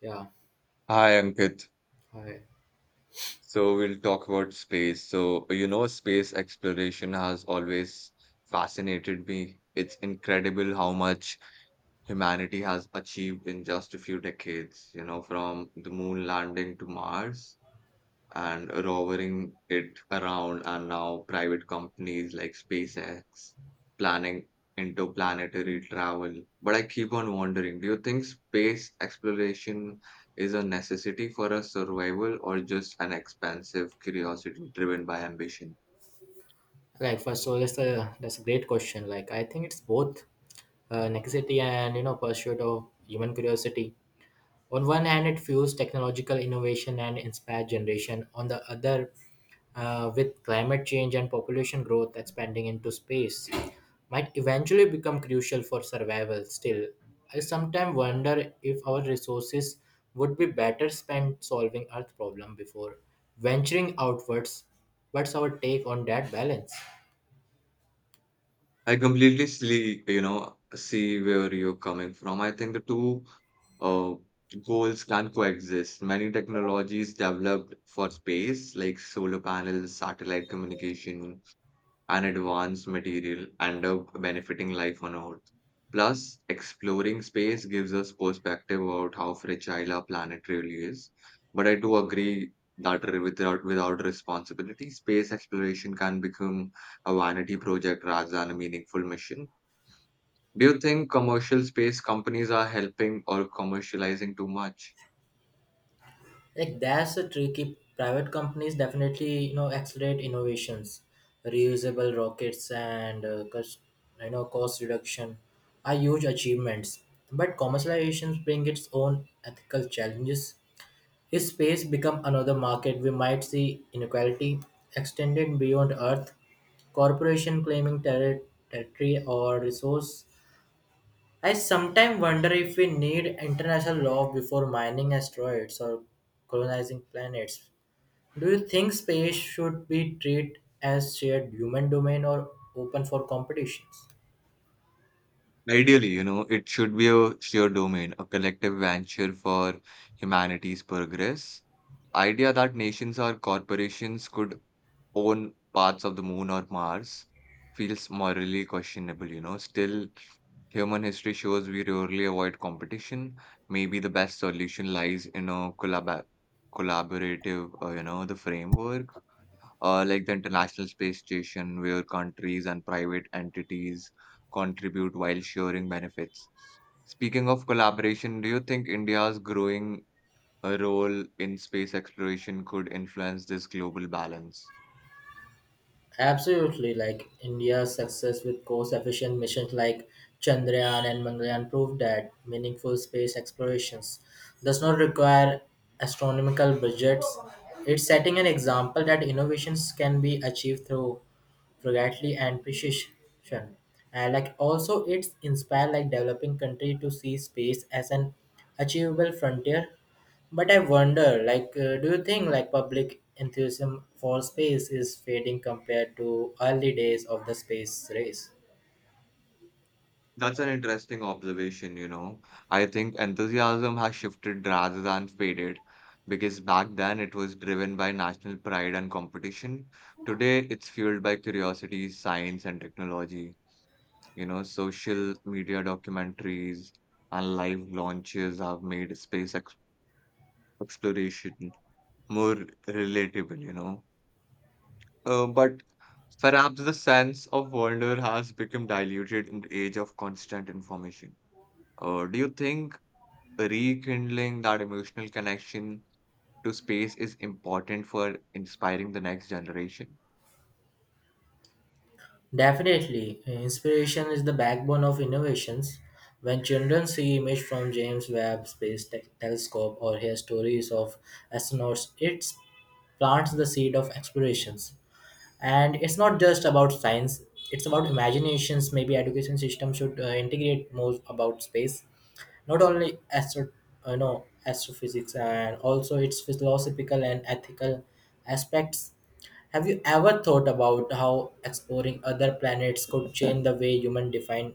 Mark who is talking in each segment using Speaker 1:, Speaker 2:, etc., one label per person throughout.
Speaker 1: Yeah.
Speaker 2: Hi Ankit.
Speaker 1: Hi.
Speaker 2: So we'll talk about space. So, you know, space exploration has always fascinated me. It's incredible how much humanity has achieved in just a few decades, you know, from the moon landing to Mars and rovering it around, and now private companies like SpaceX planning interplanetary travel. But I keep on wondering, do you think space exploration is a necessity for our survival or just an expansive curiosity driven by ambition?
Speaker 1: First of all, that's a great question. I think it's both necessity and pursuit of human curiosity. On one hand, it fuels technological innovation and inspires generation. On the other, with climate change and population growth expanding into space, might eventually become crucial for survival. Still, I sometimes wonder if our resources would be better spent solving Earth problem before venturing outwards. What's our take on that balance?
Speaker 2: I completely see, you know, see where you're coming from. I think the two uh, goals can coexist. Many technologies developed for space, like solar panels, satellite communication, and advanced material and of benefiting life on Earth. Plus, exploring space gives us perspective about how fragile our planet really is. But I do agree that without responsibility, space exploration can become a vanity project rather than a meaningful mission. Do you think commercial space companies are helping or commercializing too much?
Speaker 1: That's a tricky. Private companies definitely accelerate innovations, reusable rockets and cost reduction are huge achievements. But commercializations bring its own ethical challenges. If space become another market, we might see inequality extended beyond Earth. Corporation claiming territory or resource. I sometimes wonder if we need international law before mining asteroids or colonizing planets. Do you think space should be treated as shared human domain or open for competitions?
Speaker 2: Ideally, you know, it should be a shared domain, a collective venture for humanity's progress. Idea that nations or corporations could own parts of the moon or Mars feels morally questionable, you know. Still, human history shows we rarely avoid competition. Maybe the best solution lies in a collaborative, you know, the framework, like the International Space Station, where countries and private entities contribute while sharing benefits. Speaking of collaboration, do you think India's growing role in space exploration could influence this global balance?
Speaker 1: Absolutely, like India's success with cost-efficient missions like Chandrayaan and Mangalyaan proved that meaningful space explorations does not require astronomical budgets. It's setting an example that innovations can be achieved through frugality and precision. And like also, it's inspired like developing country to see space as an achievable frontier. But I wonder, do you think like public enthusiasm for space is fading compared to early days of the space race?
Speaker 2: That's an interesting observation, you know. I think enthusiasm has shifted rather than faded because back then it was driven by national pride and competition. Today it's fueled by curiosity, science, and technology. You know, social media documentaries and live launches have made space exploration exploration, more relatable, you know. But perhaps the sense of wonder has become diluted in the age of constant information. Do you think rekindling that emotional connection to space is important for inspiring the next generation?
Speaker 1: Definitely, inspiration is the backbone of innovations. When children see images from James Webb Space Telescope or hear stories of astronauts, it plants the seed of explorations. And it's not just about science; it's about imaginations. Maybe education system should integrate more about space, not only astro astrophysics and also its philosophical and ethical aspects. Have you ever thought about how exploring other planets could change the way humans define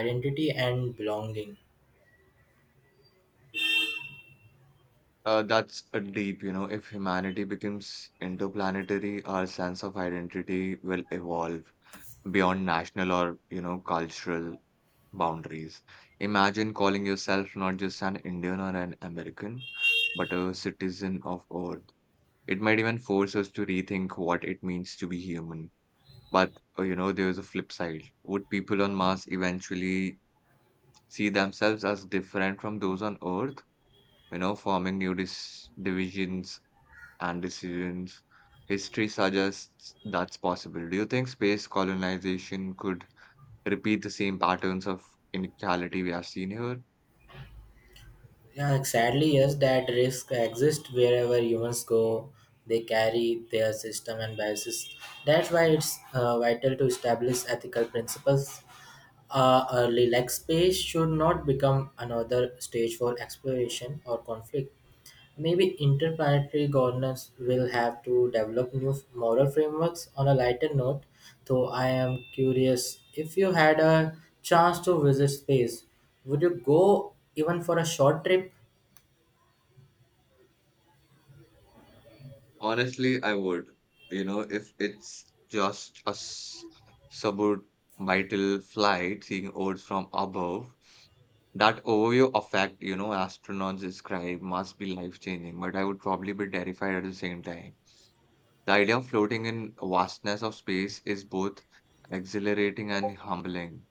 Speaker 1: identity and belonging?
Speaker 2: That's a deep, you know, if humanity becomes interplanetary, our sense of identity will evolve beyond national or, you know, cultural boundaries. Imagine calling yourself not just an Indian or an American, but a citizen of Earth. It might even force us to rethink what it means to be human. But, you know, there's a flip side. Would people on Mars eventually see themselves as different from those on Earth? You know, forming new dis divisions and decisions. History suggests that's possible. Do you think space colonization could repeat the same patterns of inequality we have seen here?
Speaker 1: Yeah, sadly, yes, that risk exists wherever humans go. They carry their system and biases. That's why it's vital to establish ethical principles early. Like space should not become another stage for exploration or conflict. Maybe interplanetary governance will have to develop new moral frameworks on a lighter note. Though I am curious, if you had a chance to visit space, would you go even for a short trip?
Speaker 2: Honestly, I would. You know, if it's just a suborbital flight seeing Earth from above, that overview effect, you know, astronauts describe must be life-changing, but I would probably be terrified at the same time. The idea of floating in vastness of space is both exhilarating and humbling.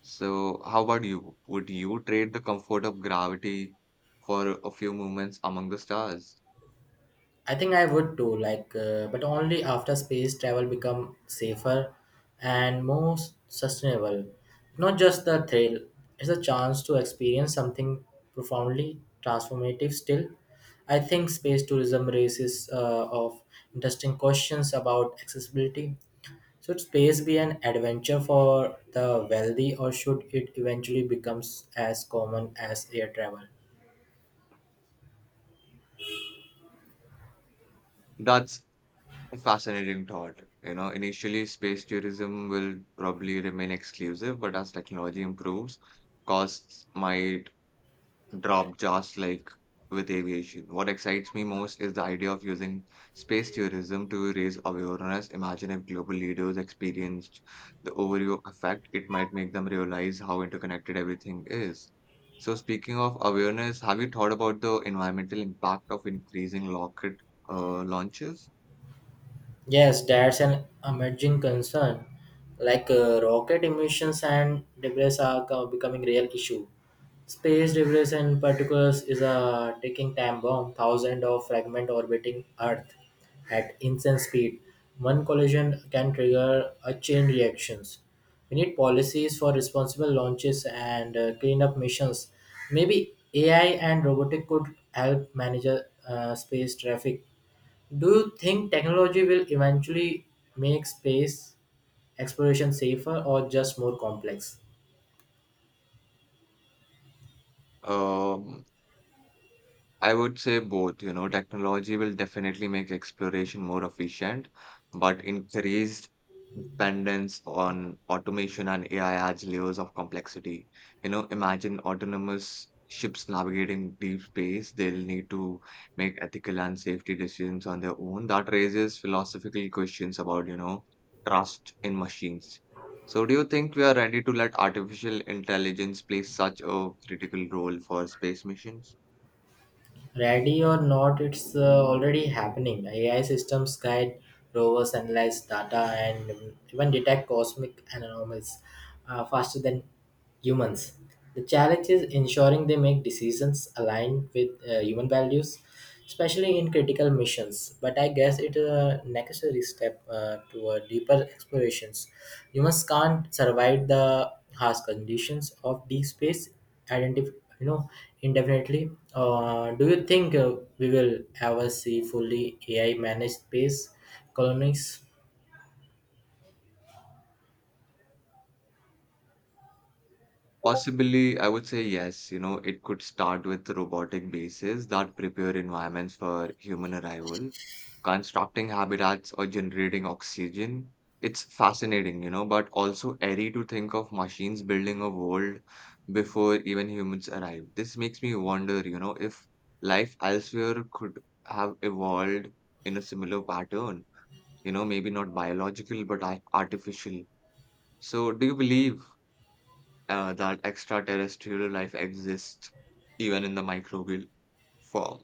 Speaker 2: So, how about you? Would you trade the comfort of gravity for a few moments among the stars?
Speaker 1: I think I would too, but only after space travel become safer and more sustainable. Not just the thrill; it's a chance to experience something profoundly transformative. Still, I think space tourism raises of interesting questions about accessibility. Should space be an adventure for the wealthy, or should it eventually becomes as common as air travel?
Speaker 2: That's a fascinating thought. You know, initially, space tourism will probably remain exclusive, but as technology improves, costs might drop just like with aviation. What excites me most is the idea of using space tourism to raise awareness. Imagine if global leaders experienced the overview effect, it might make them realize how interconnected everything is. So, speaking of awareness, have you thought about the environmental impact of increasing rocket launches?
Speaker 1: Yes, that's an emerging concern. Rocket emissions and debris are becoming real issue. Space debris in particular is a ticking time bomb, thousands of fragment orbiting Earth at insane speed. One collision can trigger a chain reactions. We need policies for responsible launches and cleanup missions. Maybe AI and robotic could help manage space traffic. Do you think technology will eventually make space exploration safer or just more complex?
Speaker 2: Um, I would say both, you know, technology will definitely make exploration more efficient, but increased dependence on automation and AI adds layers of complexity. You know, imagine autonomous ships navigating deep space. They'll need to make ethical and safety decisions on their own. That raises philosophical questions about, you know, trust in machines. So, do you think we are ready to let artificial intelligence play such a critical role for space missions?
Speaker 1: Ready or not, it's already happening. AI systems guide rovers, analyze data, and even detect cosmic anomalies faster than humans. The challenge is ensuring they make decisions aligned with human values, especially in critical missions. But I guess it's a necessary step toward deeper explorations. Humans can't survive the harsh conditions of deep space identif- you know indefinitely. Do you think we will ever see fully ai managed space colonies?
Speaker 2: Possibly, I would say yes. You know, it could start with robotic bases that prepare environments for human arrival, constructing habitats or generating oxygen. It's fascinating, you know, but also eerie to think of machines building a world before even humans arrive. This makes me wonder, you know, if life elsewhere could have evolved in a similar pattern, you know, maybe not biological, but artificial. So, do you believe that extraterrestrial life exists even in the microbial form?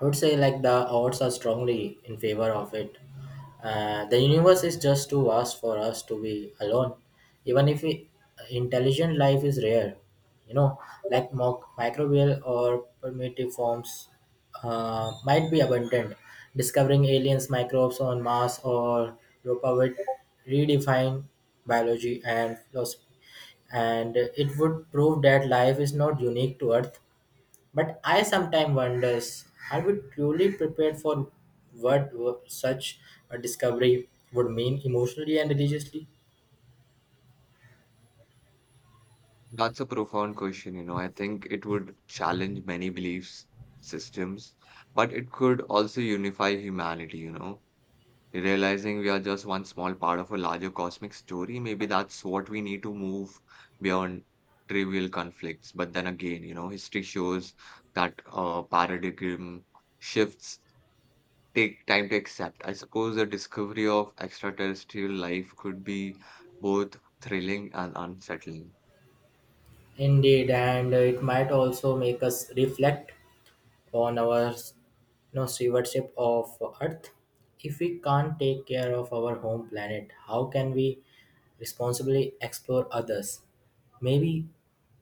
Speaker 1: I would say the odds are strongly in favor of it. The universe is just too vast for us to be alone, even if we, intelligent life is rare. You know, microbial or primitive forms might be abundant. Discovering aliens, microbes on Mars or Europa would redefine biology and philosophy, and it would prove that life is not unique to Earth. But I sometimes wonders, are we truly prepared for such a discovery would mean emotionally and religiously?
Speaker 2: That's a profound question, you know. I think it would challenge many beliefs systems, but it could also unify humanity, you know. Realizing we are just one small part of a larger cosmic story, maybe that's what we need to move beyond trivial conflicts. But then again, you know, history shows that paradigm shifts take time to accept. I suppose the discovery of extraterrestrial life could be both thrilling and unsettling.
Speaker 1: Indeed, and it might also make us reflect on our, stewardship of Earth. If we can't take care of our home planet, how can we responsibly explore others? Maybe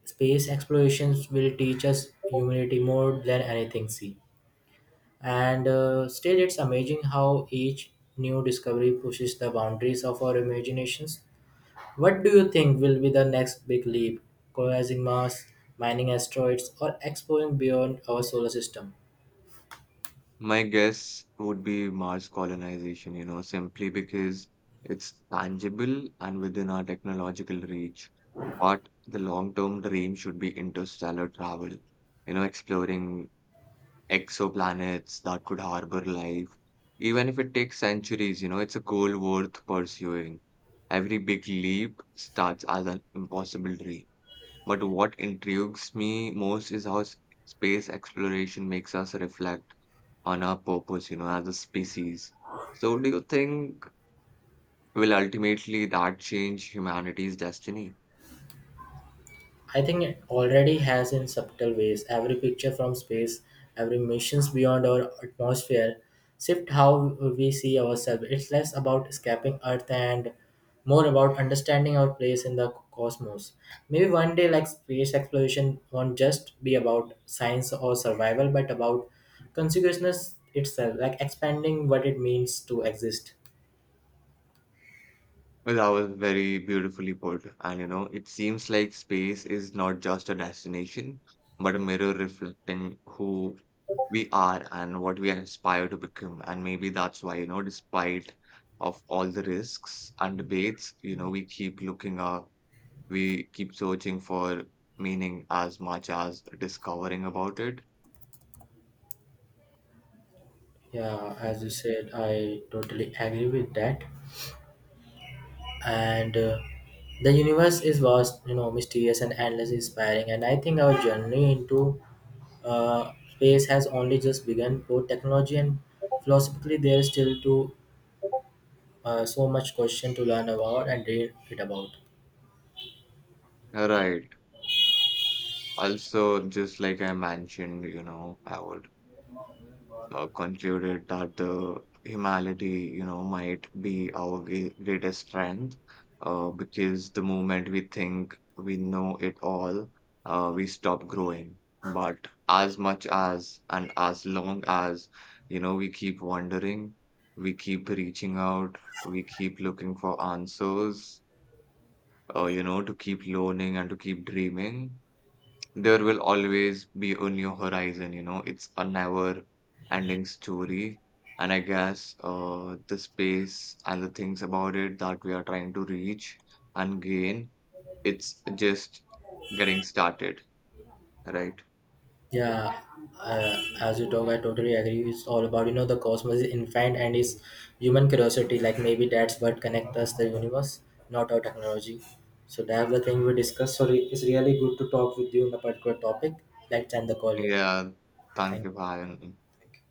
Speaker 1: space explorations will teach us humility more than anything. See. And still, it's amazing how each new discovery pushes the boundaries of our imaginations. What do you think will be the next big leap? Colonizing Mars, mining asteroids, or exploring beyond our solar system?
Speaker 2: My guess would be Mars colonization, you know, simply because it's tangible and within our technological reach. But the long-term dream should be interstellar travel, you know, exploring exoplanets that could harbor life. Even if it takes centuries, you know, it's a goal worth pursuing. Every big leap starts as an impossible dream. But what intrigues me most is how space exploration makes us reflect on our purpose, you know, as a species. So, do you think will ultimately that change humanity's destiny?
Speaker 1: I think it already has in subtle ways. Every picture from space, every missions beyond our atmosphere, shift how we see ourselves. It's less about escaping Earth and more about understanding our place in the cosmos. Maybe one day, like space exploration, won't just be about science or survival, but about consciousness itself, like expanding what it means to exist.
Speaker 2: Well, that was very beautifully put. And you know, it seems like space is not just a destination, but a mirror reflecting who we are and what we aspire to become. And maybe that's why, you know, despite of all the risks and debates, you know, we keep looking up, we keep searching for meaning as much as discovering about it.
Speaker 1: Yeah, as you
Speaker 2: Mhm.
Speaker 1: said, I totally agree with that. And The universe is vast, mysterious and endless inspiring, and I think our journey into space has only just begun, both technology and philosophically. There is still to so much question to learn about and read it about.
Speaker 2: All right. Also, just like I mentioned, you know, I would concluded that the humanity, you know, might be our greatest strength, because the moment we think we know it all, we stop growing. But as much as and as long as, you know, we keep wondering, we keep reaching out, we keep looking for answers, you know, to keep learning and to keep dreaming there will always be a new horizon, you know, it's a never ending story. And I guess the space and the things about it that we are trying to reach and gain, it's just getting started, right?
Speaker 1: Yeah, as you talk, I totally agree. It's all about the cosmos is infinite and is human curiosity. Like maybe that's what connects us the universe, not our technology. So that's the thing we discussed. So it's really good to talk with you on a particular topic. Let's end the call here.
Speaker 2: Yeah, thank
Speaker 1: Thank.
Speaker 2: you, Bhayan.
Speaker 1: Thank